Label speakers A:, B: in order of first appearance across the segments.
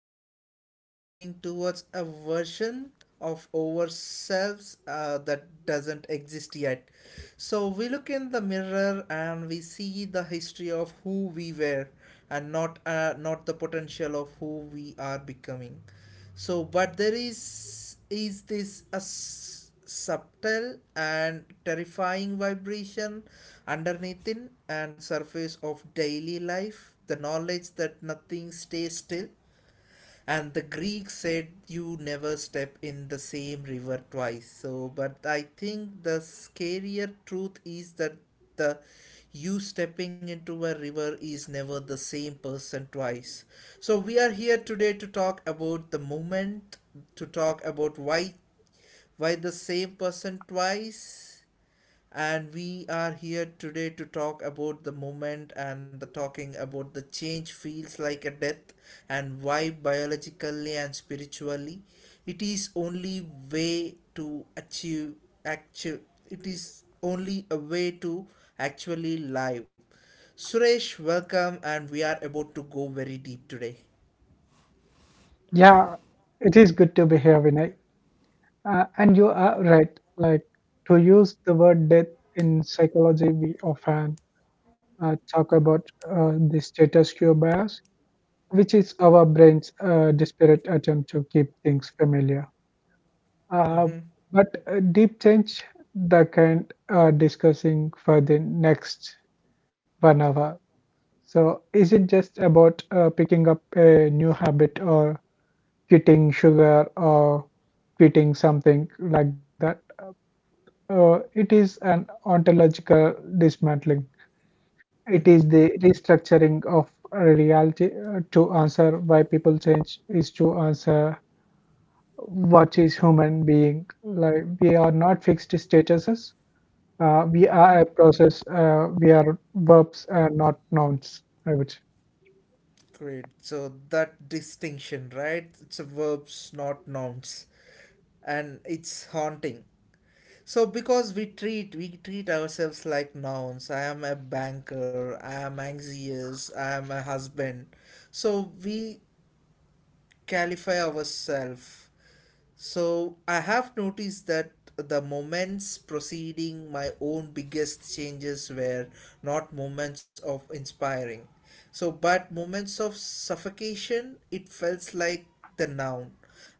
A: our entire life running towards a version of ourselves that doesn't exist yet. So we look in the mirror and we see the history of who we were, and not the potential of who we are becoming. But there is this a subtle and terrifying vibration underneath in and surface of daily life, the knowledge that nothing stays still. And the Greeks said you never step in the same river twice, so but I think the scarier truth is that the you stepping into a river is never the same person twice. So we are here today to talk about the moment, to talk about why by the same person twice. And we are here today to talk about the moment and the talking about the change feels like a death, and why biologically and spiritually it is only way to achieve actual it is only a way to actually live. Suresh, welcome and we are about to go very deep today.
B: Yeah, it is good to be here, Vinay. And you are right. Like to use the word death in psychology, we often talk about the status quo bias, which is our brain's desperate attempt to keep things familiar. Uh,
A: Mm-hmm.
B: but Deep change, the kind discussing for the next 1 hour. So, is it just about picking up a new habit or quitting sugar or quitting something like that? It is an ontological dismantling. It
A: Mm-hmm.
B: is the restructuring of reality to answer why people change is to answer what is human being. Like we are not fixed statuses. We are
A: Mm-hmm.
B: a process. We are verbs, not nouns, I would say.
A: Great. So that distinction, right? It's a verbs, not nouns, and it's haunting. So because we treat ourselves like nouns. I am a banker. I am anxious. I am a husband. So we qualify ourselves, so I have noticed that the moments preceding my own biggest changes were not moments of inspiring. But moments of suffocation, it felt like the noun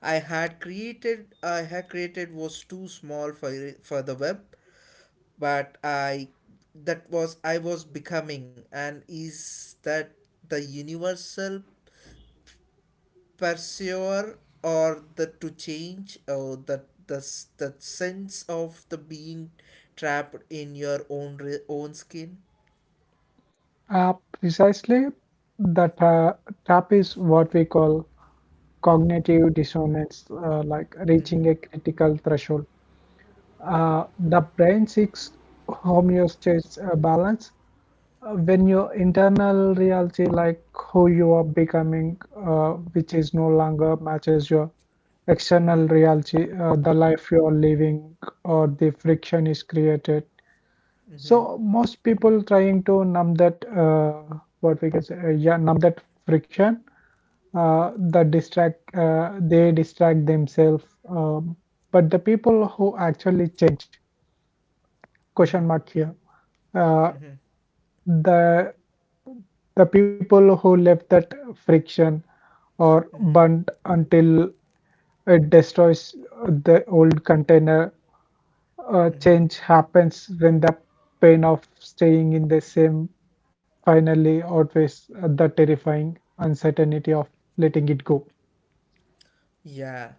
A: I had created was too small for the web, but I that was I was becoming, and is that the universal pursuer or the to change or the the sense of the being trapped in your own own skin.
B: Precisely, the ta- tap is what we call cognitive dissonance, like
A: Mm-hmm,
B: reaching a critical threshold. The brain seeks homeostasis, balance. When your internal reality, like who you are becoming, which is no longer matches your external
A: mm-hmm,
B: reality, the life you are living, or the friction is created. So most people trying to numb that, what we can say, yeah, numb that friction, that distract, they distract themselves. But the people who actually change,
A: mm-hmm,
B: question mark here, uh,
A: mm-hmm,
B: the people who left that friction or
A: mm-hmm,
B: burnt until it destroys the old container.
A: mm-hmm.
B: Change happens when the pain of staying in the same finally outweighs the terrifying uncertainty of letting it go.
A: Yeah.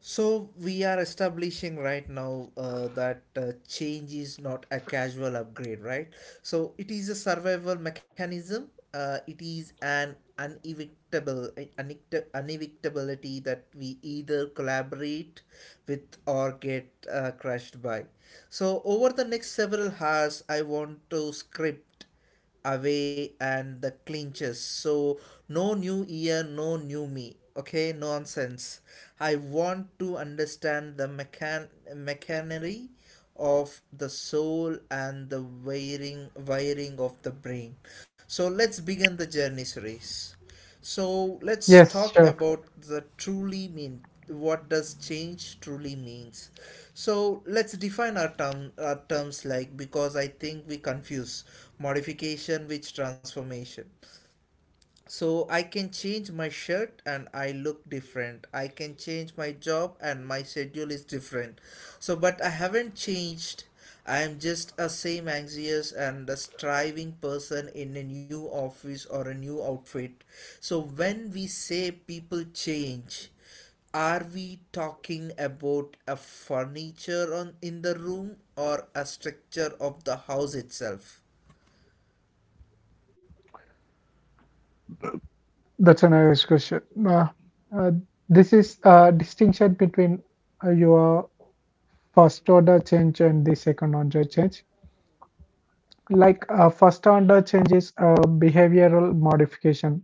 A: So we are establishing right now that change is not a casual upgrade, right? So it is a survival mechanism. It is an unevictability that we either collaborate with or get crushed by. So over the next several hours, I want to script away and the clinches. So, no new year, no new me. Okay, nonsense. I want to understand the machinery of the soul and the wiring of the brain. So let's begin the journey series. So let's
B: Yes,
A: talk
B: sure.
A: about the truly mean. What does change truly means? So let's define our terms, like because I think we confuse modification with transformation. So I can change my shirt and I look different. I can change my job and my schedule is different. So but I haven't changed. I am just a same anxious and a striving person in a new office or a new outfit. So when we say people change, are we talking about a furniture on in the room or a structure of the house itself?
B: That's a nice question. Uh, uh, this is a distinction between your first order change and the second order change. Like first order change is a behavioral modification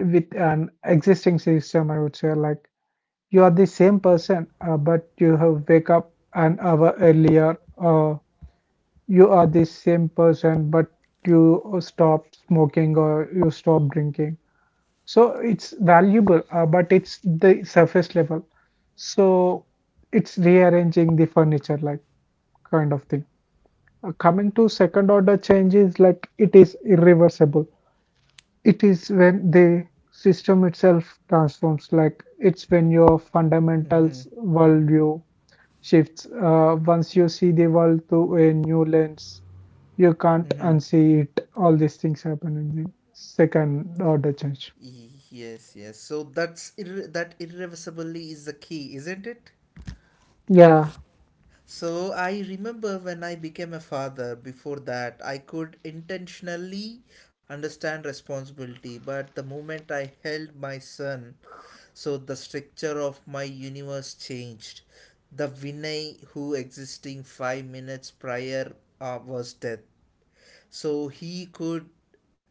B: with an existing system, I would say. Like you are the same person, but you have wake up an hour earlier. You are the same person, but you stop smoking or you stop drinking. So it's valuable, but it's the surface level. So it's rearranging the furniture, like, kind of thing. Coming to second order changes, like it is irreversible. It is when the system itself transforms, like it's when your fundamentals worldview shifts. Once you see the world through a new lens, you can't
A: Mm-hmm.
B: unsee it. All these things happen in the second order change.
A: Yes, yes. So that's that irreversibly is the key, isn't it?
B: Yeah.
A: So I remember when I became a father. Before that, I could intentionally understand responsibility, but the moment I held my son, so the structure of my universe changed. The Vinay who existing 5 minutes prior was death. So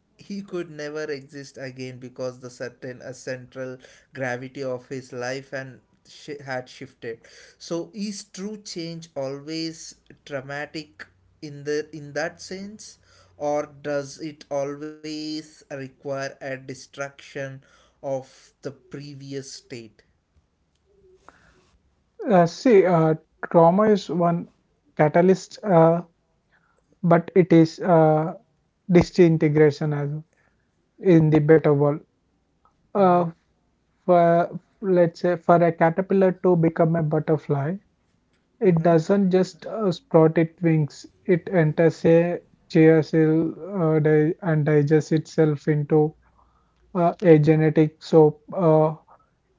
A: he could never exist again because the certain central gravity of his life and shi had shifted. So is true change always dramatic in the in that sense, or does it always require a destruction of the previous state?
B: See, trauma is one catalyst, but it is disintegration as in the better world.
A: Mm-hmm.
B: Uh, for, let's say, for a caterpillar to become a butterfly, it
A: Uh-huh.
B: doesn't just sprout its wings. It enters a chia cell, and digests itself into a genetic. So uh,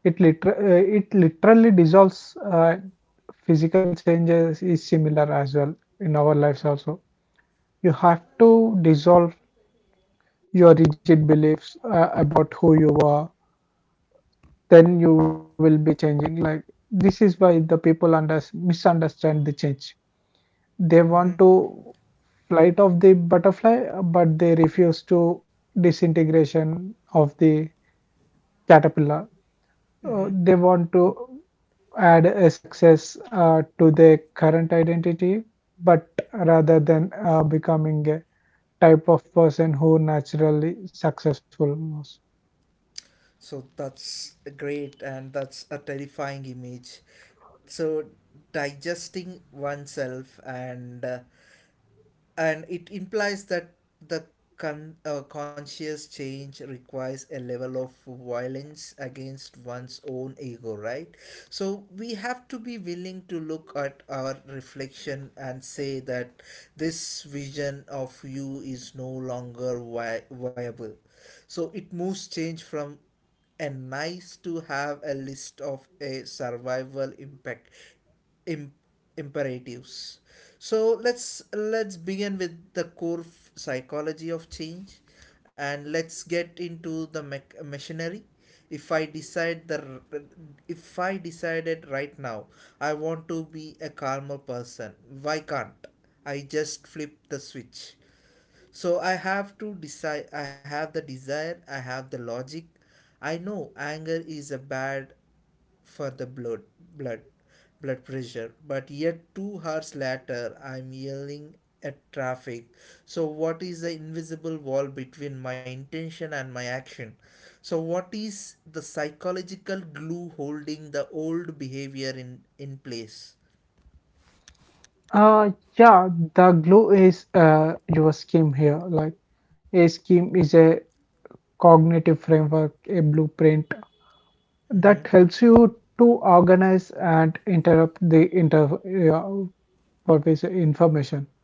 B: it liter- uh, it literally dissolves. uh, Physical changes is similar as well. In our lives also, you have to dissolve your rigid beliefs about who you are. Then you will be changing. Like, this is why the people misunderstand the change. They
A: Mm-hmm.
B: want to flight of the butterfly, but they refuse to disintegration of the caterpillar.
A: Mm-hmm.
B: They want to add a success to their current identity, but rather than becoming a type of person who naturally successful was.
A: So that's great and that's a terrifying image. So digesting oneself and it implies that the conscious change requires a level of violence against one's own ego, right? So we have to be willing to look at our reflection and say that this vision of you is no longer viable. So it moves change from a nice to have a list of a survival impact Im- imperatives. So let's begin with the core psychology of change, and let's get into the machinery. If I decide the r- If I decided right now I want to be a calmer person, why can't I just flip the switch? So I have to decide. I have the desire. I have the logic. I know anger is a bad for the blood blood pressure, but yet 2 hours later I'm yelling at traffic. So what is the invisible wall between my intention and my action? So what is the psychological glue holding the old behavior in place?
B: Uh, yeah, the glue is your scheme here. Like, a scheme is a cognitive framework, a blueprint
A: Mhm,
B: that helps you to organize and interrupt the inter, uh, purpose information.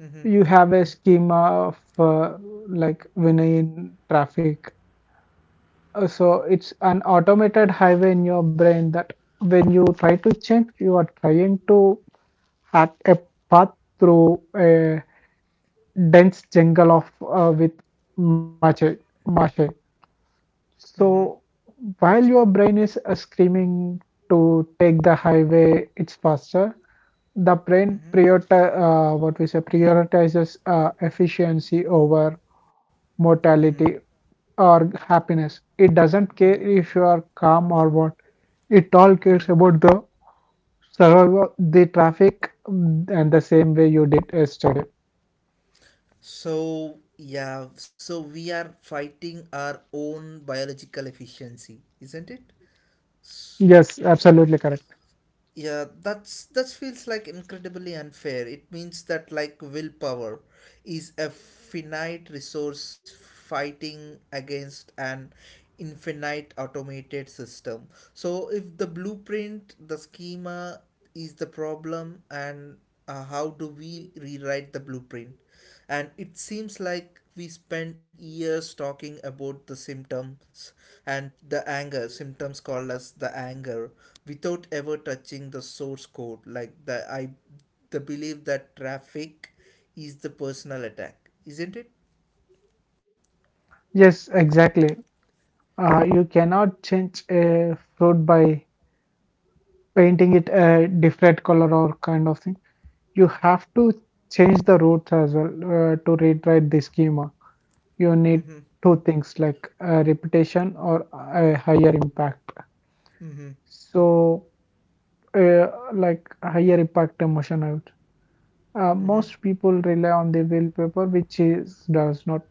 A: mhm,
B: You have a schema of, like Vinay traffic. So it's an automated highway in your brain that when you try to change, you are trying to hack a path through a dense jungle of, with mache, mache. So
A: mhm,
B: while your brain is screaming to take the highway, it's faster. The brain
A: mhm,
B: what we say, prioritizes efficiency over
A: mhm,
B: mortality or happiness. It doesn't care
A: mhm,
B: if you are calm or what. It all
A: mhm.
B: cares about the survival, the traffic, and the same way you did yesterday.
A: So yeah, so we are fighting our own biological efficiency, isn't it?
B: Yes, absolutely correct.
A: Yeah, that's that feels like incredibly unfair. It means that like willpower is a finite resource fighting against an infinite automated system. So if the blueprint, the schema, is the problem, and how do we rewrite the blueprint? And it seems like we spend years talking about the symptoms and the anger symptoms called as the anger, without ever touching the source code, like the belief that traffic is the personal attack, isn't it?
B: Yes, exactly. You cannot change a fruit by painting it a different color or kind of thing. You have to change the roots as well to rewrite the schema. You
A: Mm-hmm,
B: need two things, like a reputation or a higher impact.
A: mm-hmm,
B: So, uh, like higher impact emotion out.
A: mm-hmm,
B: Most people rely on the willpower, which is does not.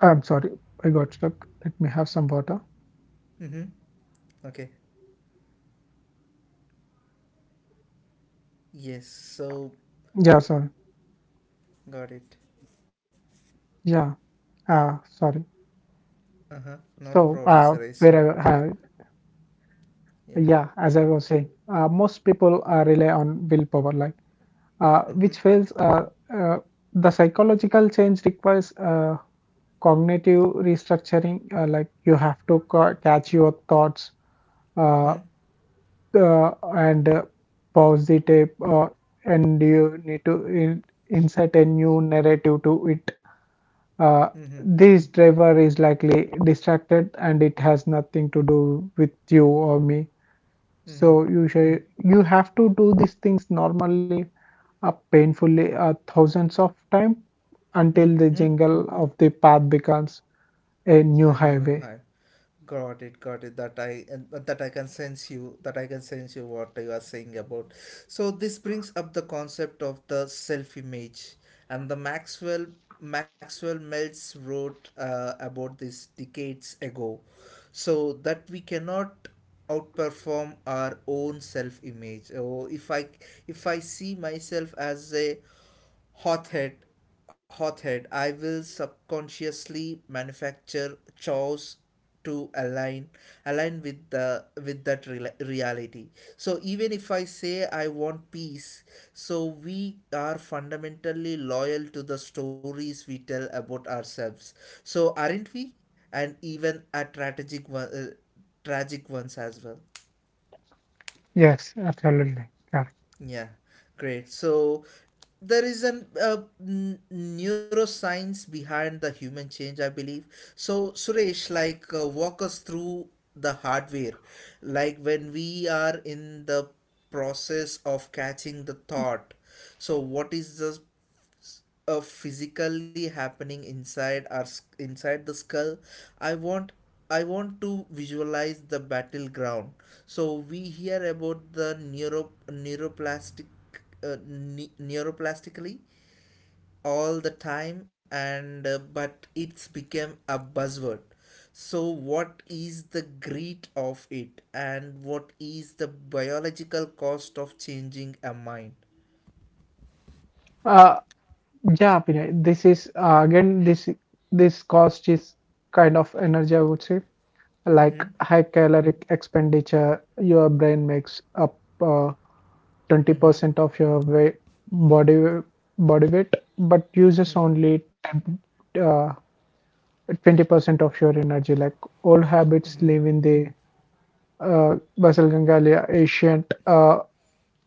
B: I'm sorry, I got stuck. Let me have some water.
A: mm-hmm, okay, yes, so
B: Yeah, sorry.
A: got it.
B: Yeah, sorry.
A: Uh-huh, not a
B: So,
A: problem, sir. So yeah,
B: yeah, as I was saying, most people rely on willpower, like,
A: mm-hmm,
B: which fails. The psychological change requires cognitive restructuring. Like, you have to catch your thoughts, uh,
A: mm-hmm,
B: and pause the tape, and you need to insert a new narrative to it. Uh,
A: mm-hmm,
B: this driver is likely distracted and it has nothing to do with you or me.
A: mm-hmm,
B: So you have to do these things normally, painfully, thousands of time until
A: mm-hmm,
B: the jingle of the path becomes a
A: a
B: new
A: new
B: highway.
A: high. Got it, got it. That I can sense you. That I can sense you what you are saying about. So this brings up the concept of the self-image, and the Maxwell Meltz wrote about this decades ago, so that we cannot outperform our own self-image. Oh, if I see myself as a hothead hothead, I will subconsciously manufacture chores to align with the with that real reality. So even if I say I want peace, so we are fundamentally loyal to the stories we tell about ourselves, so aren't we? And even a tragic one, tragic ones as well.
B: Yes, absolutely.
A: Yeah, great. So there is an neuroscience behind the human change, I believe. So Suresh, like, walk us through the hardware, like when we are in the process of catching the thought. So what is the s- physically happening inside our inside the skull? I want i want to visualize the battleground. So we hear about the neuroplastic uh, neuroplastically all the time, and but it's become a buzzword. So what is the greed of it, and what is the biological cost of changing a mind?
B: Yeah. Yeah, Vinay, this is again this this cost is kind of energy, I would say. Like,
A: Mm-hmm.
B: high caloric expenditure. Your brain makes up
A: Mm-hmm.
B: 20% of your weight, body body weight, but uses
A: Mm-hmm.
B: only 10, uh, 20% of your energy. Like, old habits
A: Mm-hmm.
B: live in the, Basil Gangalia, ancient,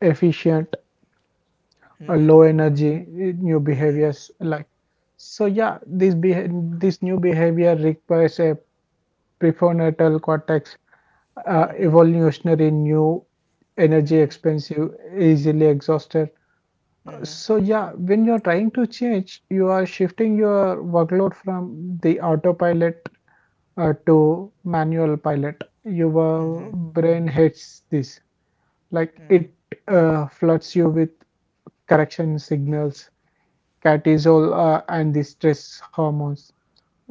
B: efficient, a
A: Mm-hmm.
B: low energy. New
A: Mm-hmm.
B: behaviors like, so yeah, this new behavior requires a prefrontal cortex,
A: Mm-hmm.
B: evolutionary new, energy
A: Mm-hmm.
B: expensive, easily exhausted.
A: Mm-hmm.
B: So yeah, when you're trying to change, you are shifting your workload from the autopilot to manual pilot.
A: Mm-hmm.
B: Your brain hates this, like
A: Mm-hmm.
B: it floods you with correction signals, cortisol and the stress hormones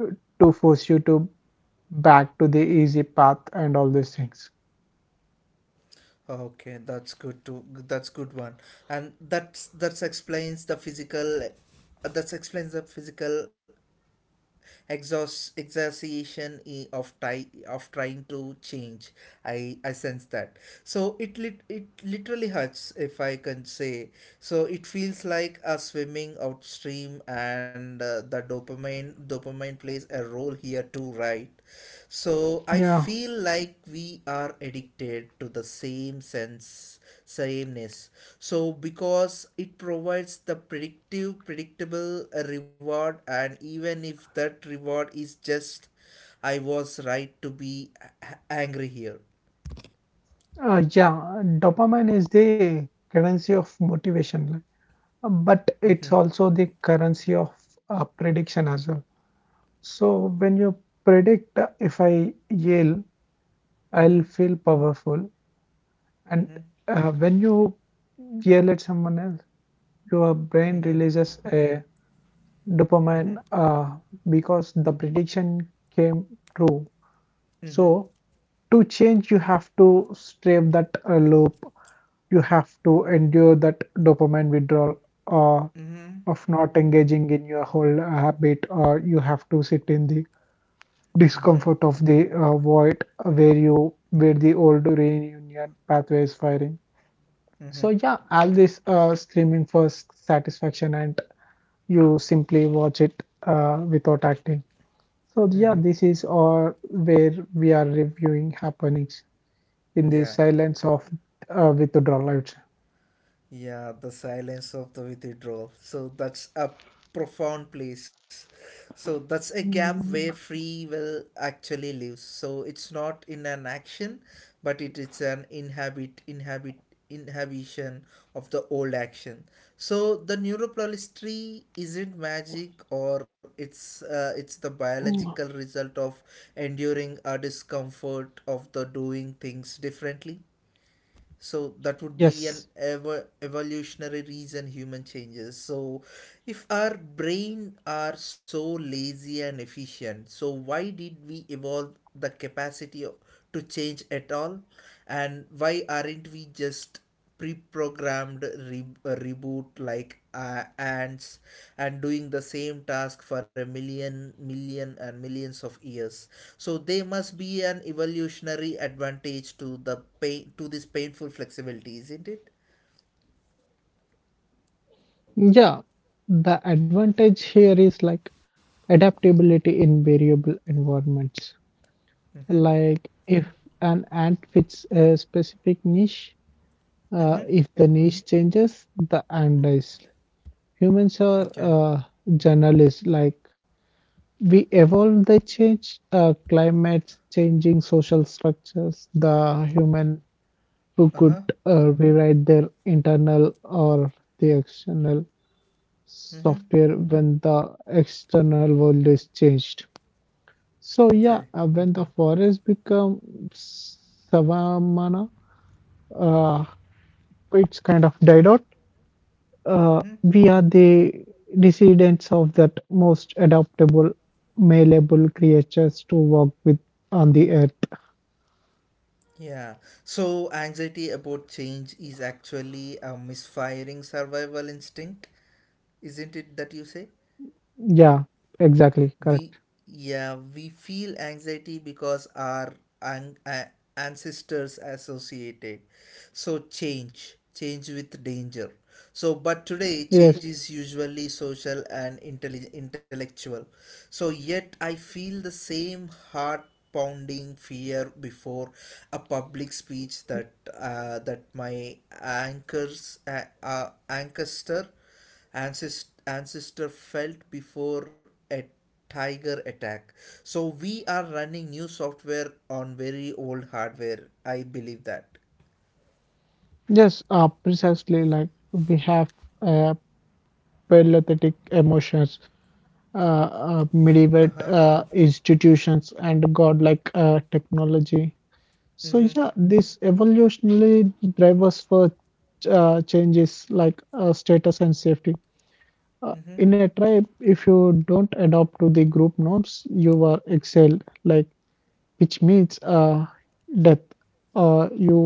B: uh, to force you to back to the easy path, and all these things.
A: Okay, that's good to that's good one, and that's explains that explains the physical exhaustion of trying to change. I sense that. So it lit it literally hurts, if I can say. So it feels like a swimming upstream, and the dopamine plays a role here too, right? So I
B: yeah
A: feel like we are addicted to the sameness. So because it provides the predictive predictable reward, and even if that reward is just I was right to be angry here.
B: yeah, dopamine is the currency of motivation, like, but it's
A: Mhm.
B: also the currency of prediction as well. So when you predict, if I yell, I'll
A: Mhm.
B: feel powerful. And
A: Mhm.
B: when you yell at someone else, your brain
A: Mhm.
B: releases a
A: Mhm.
B: dopamine, because the prediction came true.
A: Mhm.
B: So, to change, you have to stave that loop. You have to endure that dopamine withdrawal, uh,
A: Mhm.
B: of not engaging in your whole habit, or you have to sit in the
A: Mhm.
B: discomfort of the void where you where the old reunion pathway is firing. So
A: Mhm.
B: yeah, all this screaming for satisfaction, and you simply watch it without acting. So
A: Mhm.
B: yeah, this is or where we are reviewing happenings in the
A: Yeah.
B: silence of withdrawal, I would say.
A: Yeah, the silence of the withdrawal. So that's a profound place. So that's a gap where
B: Mm.
A: free will actually lives. So it's not in an action, but it is an inhabition of the old action. So the neuroplasticity isn't magic, or it's the biological result of enduring a discomfort of the doing things differently. So that would be an
B: Yes.
A: ever evolutionary reason human changes. So if our brain are so lazy and efficient, so why did we evolve the capacity to change at all, and why aren't we just pre-programmed reboot like ants and doing the same task for a million million and millions of years? So they must be an evolutionary advantage to the pain to this painful flexibility, isn't it?
B: Yeah. The advantage here is like adaptability in variable environments.
A: Mm-hmm.
B: Like, if an ant fits a specific niche,
A: Mm-hmm.
B: if the niche changes, the ant dies. Humans are
A: Okay.
B: generalists. Like, we evolve, they change, climate changing, social structures. The human who could
A: Uh-huh.
B: rewrite their internal or the external
A: Mm-hmm.
B: software when the external world is changed. So
A: Okay.
B: yeah, when the forest becomes savanna, uh, it's kind of died out.
A: Mm-hmm.
B: We are the descendants of that most adaptable, malleable creatures to walk with on the earth.
A: Yeah. So anxiety about change is actually a misfiring survival instinct, isn't it, that you say?
B: Yeah, exactly,
A: We
B: correct.
A: Yeah, we feel anxiety because our an- a- ancestors associated change change with danger. So but today
B: Yes,
A: change is usually social and intellectual. So yet I feel the same heart pounding fear before a public speech that my anchors uh, uh, ancestor ancestor felt before a tiger attack. So we are running new software on very old hardware, I believe that.
B: yes, Precisely. Like, we have uh, paralytic emotions, medieval
A: Uh-huh,
B: institutions, and godlike technology. So
A: mm-hmm,
B: yeah, this evolutionary drivers for changes like status and safety.
A: mm-hmm,
B: In a tribe, if you don't adapt to the group norms, you are exiled, like, which means death. You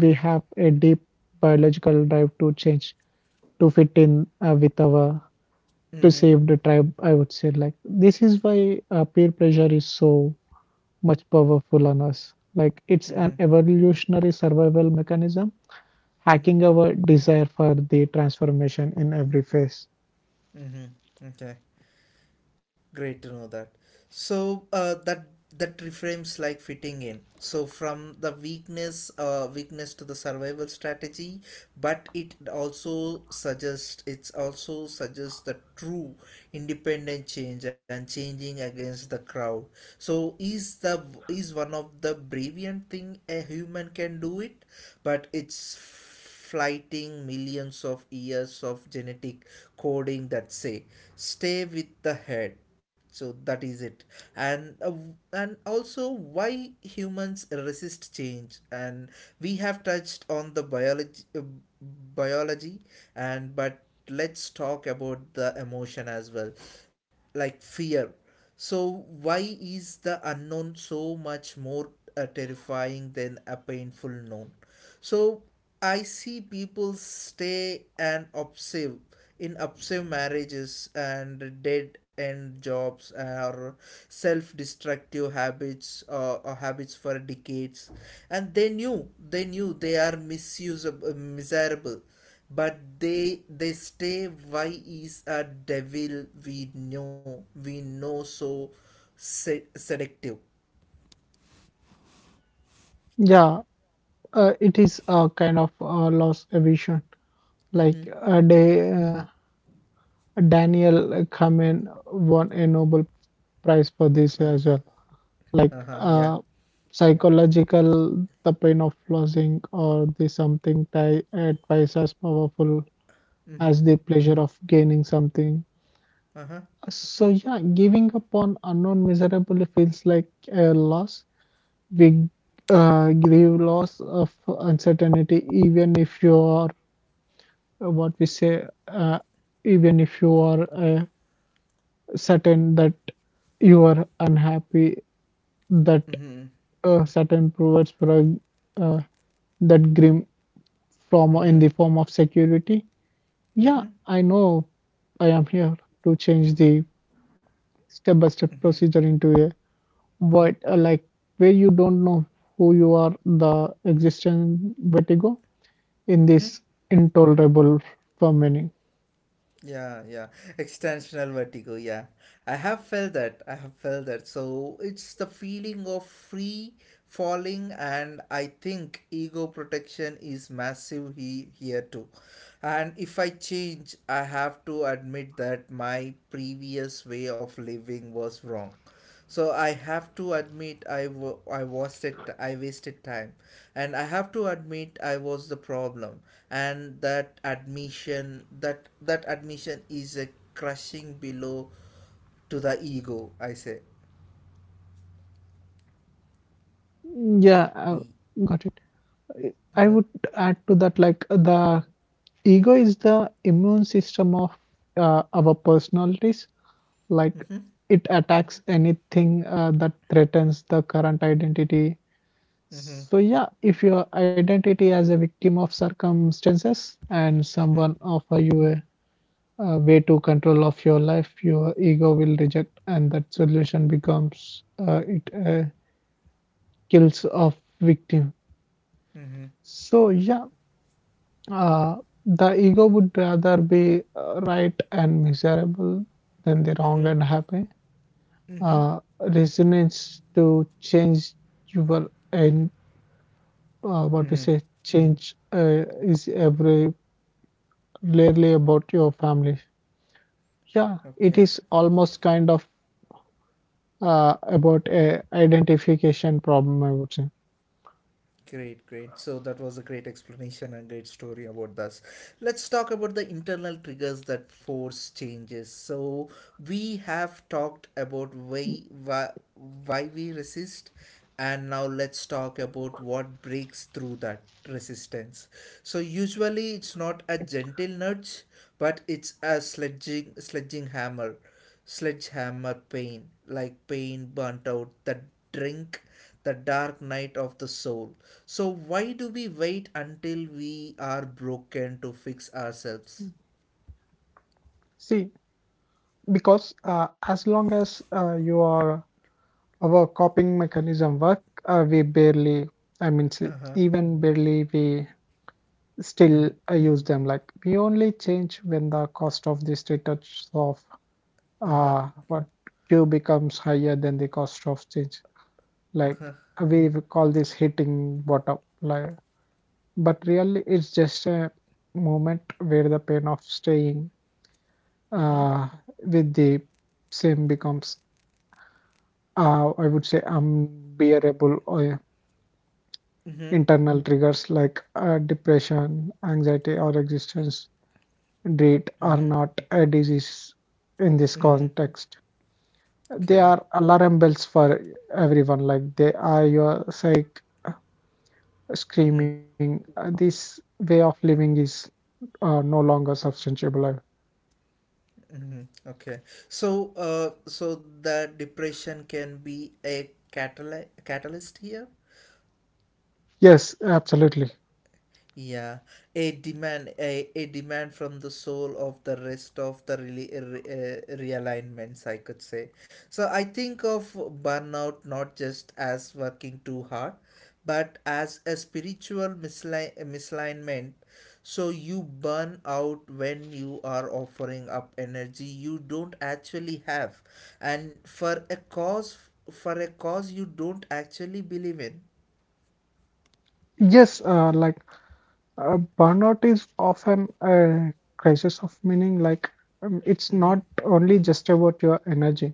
B: We have a deep biological drive to change, to fit in with our
A: mm-hmm,
B: perceived tribe, I would say. Like, this is why peer pressure is so much powerful on us. Like, it's
A: mm-hmm,
B: an evolutionary survival mechanism, hacking
A: mm-hmm,
B: our desire for the transformation in every phase.
A: mm-hmm, okay. Great to know that. So that reframes like fitting in. So from the weakness, weakness to the survival strategy, but it also suggests the true independent change and changing against the crowd. So is the is one of the brilliant thing a human can do it, but it's Flighting millions of years of genetic coding that say stay with the head so that is it and uh, and also why humans resist change and we have touched on the biology biology and but let's talk about the emotion as well like fear. So why is the unknown so much more terrifying than a painful known? So I see people stay and obsessive in obsessive marriages and dead end jobs or self-destructive habits or habits for decades, and they knew they are misusable, miserable, but they stay. Why is a devil we know so seductive?
B: Yeah. It is a kind of loss aversion.
A: Mm-hmm.
B: Like uh, they, uh, Daniel Kahneman won a Nobel Prize for this as well.
A: Price. Uh
B: Like,
A: huh. Yeah.
B: psychological, the pain of losing, or the something twice as powerful
A: Mm-hmm.
B: as the pleasure of gaining something.
A: Uh huh.
B: So yeah, giving up on unknown miserably feels like a loss. We Grieve loss of uncertainty, even if you are, what we say uh, even if you are certain that you are unhappy, that
A: Mm-hmm.
B: certain provides for uh, that grim from in
A: Mm-hmm.
B: the form of security. Yeah,
A: Mm-hmm.
B: I know, I am here to change the step by step
A: Mm-hmm.
B: procedure into a void, like where you don't know who you are, the existence vertigo in
A: Mm-hmm.
B: this, intolerable for many.
A: Yeah, yeah. Extensional vertigo, yeah. I have felt that. I have felt that. So it's the feeling of free falling, and I think ego protection is massive here too. And if I change, I have to admit that my previous way of living was wrong. So I have to admit I wasted I wasted time, and I have to admit I was the problem, and that admission that admission is a crushing blow to the ego I say.
B: yeah uh,
A: E
B: got it. I
A: uh-huh.
B: would add to that, like, the ego is the immune system of our personalities. Like,
A: Mhm.
B: it attacks anything that threatens the current identity.
A: Mhm.
B: So, yeah, if your identity as a victim of circumstances and someone
A: Mhm.
B: offer you a way to control of your life, your ego will reject, and that solution becomes, it kills of victim.
A: Mhm.
B: So, yeah, Uh, the ego would rather be right and miserable than the wrong and
A: Mhm.
B: happy.
A: Mhm.
B: Uh, Resonance to change your and what we
A: Mhm.
B: say change, is every rarely about your family. Yeah, it
A: Okay.
B: is almost kind of about a identification problem, I would say.
A: Great, great. So that was a great explanation and great story about this. Let's talk about the internal triggers that force changes. So we have talked about why we resist, and now let's talk about what breaks through that resistance. So usually it's not a gentle nudge, but it's a sledgehammer pain, like pain burnt out that drink the dark night of the soul. So, why do we wait until we are broken to fix ourselves?
B: See, because as long as you are our coping mechanism work. We barely, I mean,
A: Uh huh.
B: even barely, we still use them. Like, we only change when the cost of this retouch of
A: Uh huh.
B: what Q becomes higher than the cost of change. Like, we will call this hitting bottom. Like, but really, it's just a moment where the pain of staying
A: Mm hmm.
B: uh, with the same becomes, I would say, unbearable. Or
A: Mm hmm.
B: internal triggers like depression, anxiety, or existence dread
A: Mm
B: are
A: hmm.
B: not a disease in this
A: Mm hmm.
B: context. They
A: Okay.
B: are alarm bells for everyone, like they are your psych
A: Mm hmm.
B: screaming, this way of living is no longer sustainable.
A: Mm-hmm. Okay, so so the depression can be a catalyst here.
B: Yes, absolutely.
A: Yeah, a demand, a demand from the soul of the rest of the really realignments, I could say. So I think of burnout not just as working too hard, but as a spiritual misalignment. So you burn out when you are offering up energy you don't actually have, and for a cause you don't actually believe in.
B: Yes, like burnout is often a crisis of meaning. Like, it's
A: Mm-hmm,
B: not only just about your energy.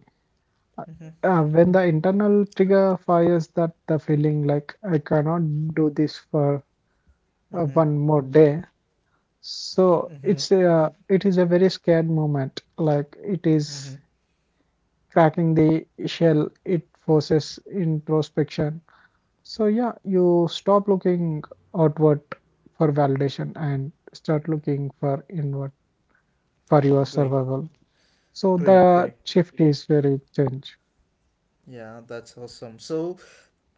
A: mm-hmm,
B: When the internal trigger fires, that the feeling like I cannot do this for
A: mm-hmm,
B: one more day. So
A: mm-hmm.
B: it's a, it is a very scared moment. Like, it
A: Mm-hmm.
B: is cracking the shell, it forces introspection. So yeah, you stop looking outward for validation and start looking for inward for your
A: Great,
B: survival. So
A: great,
B: the
A: great.
B: shift is very change.
A: Yeah, that's awesome. So,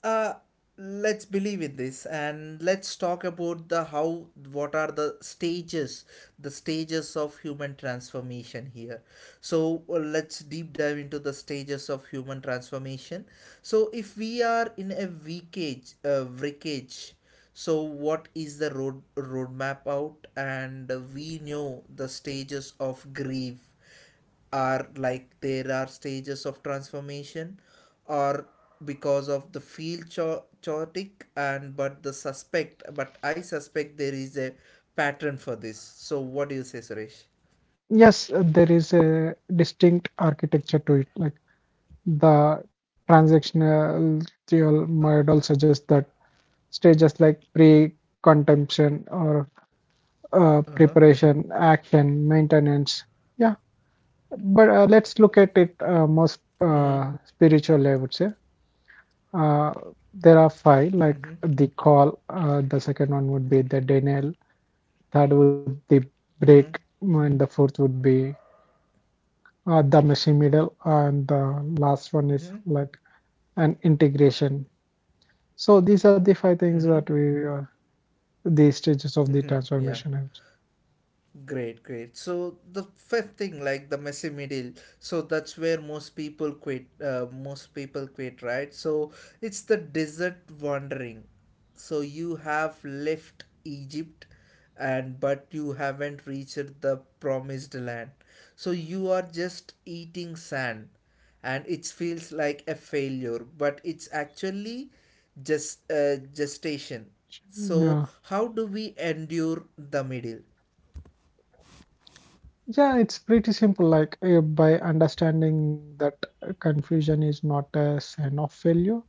A: uh, let's believe in this and let's talk about the how what are the stages of human transformation here. So let's deep dive into the stages of human transformation. So if we are in a wreckage, so what is the roadmap out? And we know the stages of grief are like there are stages of transformation, or because of the field chaotic and but I suspect there is a pattern for this. So what do you say, Suresh?
B: Yes, there is a distinct architecture to it. Like, the
A: Uh
B: transactional theol might all suggest that stages
A: huh.
B: like
A: Uh huh.
B: pre-contemplation or preparation, action, maintenance. Yeah, but let's look
A: Mm
B: at it more spiritually, I would say. Uh,
A: hmm. Mm hmm.
B: there are five, like the call. The second one would be the denial. Third would be
A: Mm hmm.
B: break, and the fourth would be the machine middle, and the last one
A: Mm
B: is
A: hmm.
B: like an integration. So these are the five things
A: Mm hmm.
B: that we, the stages of
A: Mm
B: the
A: hmm. Yeah.
B: transformation. And
A: Great, great. So the fifth thing, like the messy middle, so that's where most people quit. Most people quit, right? So it's the desert wandering. So you have left Egypt, and but you haven't reached the promised land. So you are just eating sand, and it feels like a failure. But it's actually just gestation.
B: generation. Yeah,
A: So how do we endure the middle?
B: yeah, it's pretty simple. Like, by understanding that confusion is not a sign of failure.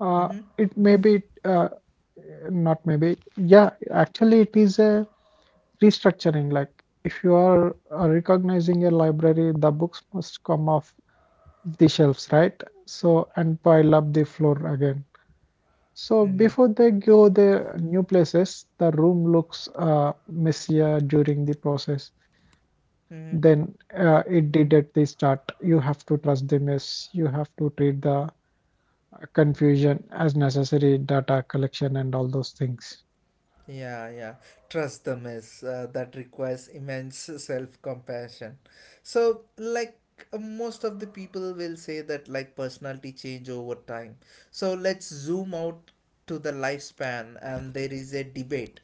B: Uh,
A: Mm-hmm,
B: it may be not maybe, yeah, actually it is a restructuring. Like, if you are recognizing a library, the books must come off the shelves, right? So, and pile up the floor again, so
A: mm-hmm,
B: before they go the new places, the room looks messier during the process than
A: mm-hmm.
B: it did at the start. You have to trust the mess. You have to treat the confusion as necessary data collection and all those things.
A: Yeah, yeah. Trust them is that requires immense self compassion. So, like, most of the people will say that, like, personality change over time. So, let's zoom out to the lifespan, and there is a debate.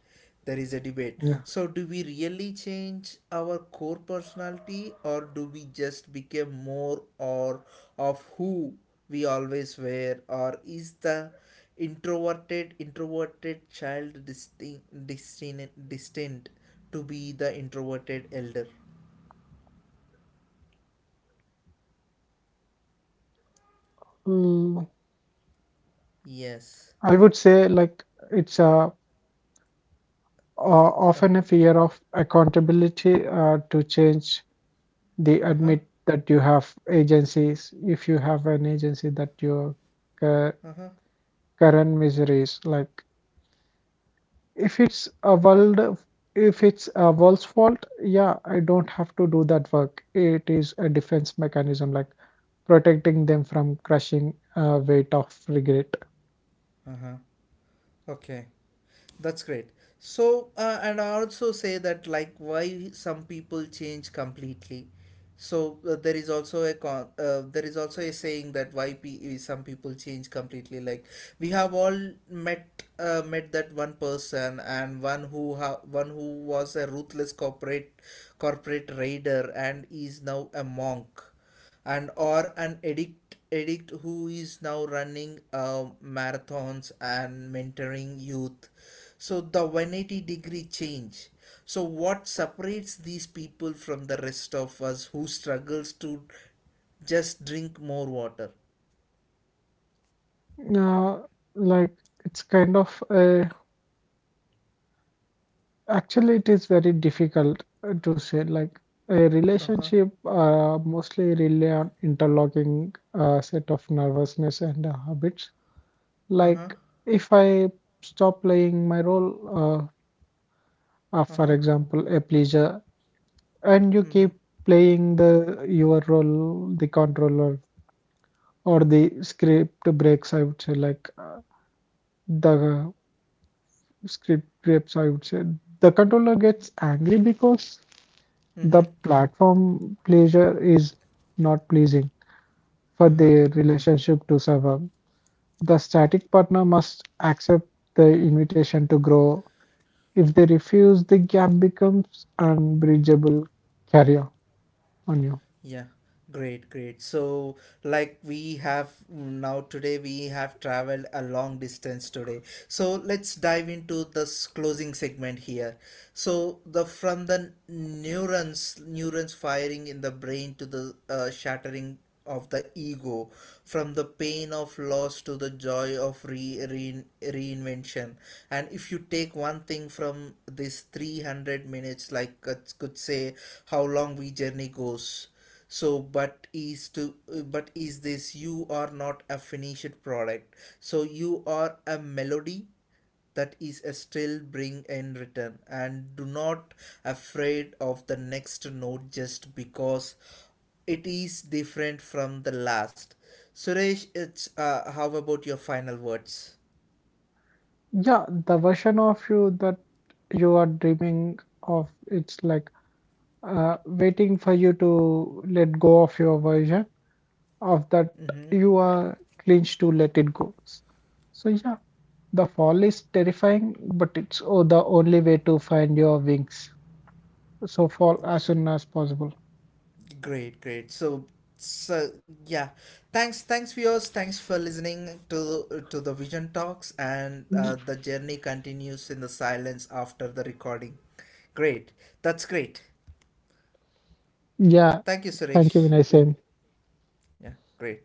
B: Yeah.
A: So, do we really change our core personality, or do we just become more or of who we always were, or is the introverted child distinct to be the introverted elder?
B: Mm,
A: Yes.
B: I would say like it's a often a fear of accountability to change. They
A: Uh huh.
B: admit that you have agencies. If you have an agency that your cu-
A: Uh huh.
B: current misery is like if it's a if it's a world's fault, yeah, I don't have to do that work. It is a defense mechanism, like protecting them from crushing weight of regret.
A: Uh huh. Okay. That's great. So, and I also say that like why some people change completely. So there is also a saying that why some people change completely. Like we have all met met that one person and one who one who was a ruthless corporate raider and is now a monk, and or an addict who is now running marathons and mentoring youth, so the 180-degree change. So what separates these people from the rest of us who struggles to just drink more water?
B: uh, like, it's kind of a, actually, it is very difficult to say. Like, a
A: Uh-huh.
B: relationship mostly rely on interlocking set of nervousness and habits.
A: Uh-huh.
B: Like, if I stop playing my role, for
A: Uh-huh.
B: example, a pleasure, and you keep
A: Mm-hmm.
B: playing the your role, the controller or the script breaks. I would say like the script breaks. I would say the controller gets angry because the
A: Mm-hmm.
B: platform pleasure is not pleasing for
A: Uh-huh.
B: their relationship to survive. The static partner must accept the invitation to grow. If they refuse, the gap becomes unbridgeable carrier on you.
A: Yeah, great, great. So, like we have mm, now today, we have traveled a long distance today. So let's dive into this closing segment here. So the from neurons firing in the brain to the shattering of the ego, from the pain of loss to the joy of re, re reinvention. And if you take one thing from this 300 minutes, like could say how long we journey goes, so, but is this you are not a finished product. So you are a melody that is a still bring in return and do not afraid of the next note just because it is different from the last. Suresh, it's how about your final words?
B: Yeah, the version of you that you are dreaming of, it's like waiting for you to let go of your version of that
A: Mm-hmm.
B: you are clinched to let it go. So yeah, the fall is terrifying, but the only way to find your wings. So fall as soon as possible.
A: Great, great. So, so yeah. Thanks, thanks viewers. Thanks for listening to the Vision Talks, and the journey continues in the silence after the recording. Great. That's great.
B: Yeah.
A: Thank you,
B: Thank you, Vinay.
A: Suresh.
B: Same.
A: Yeah, great.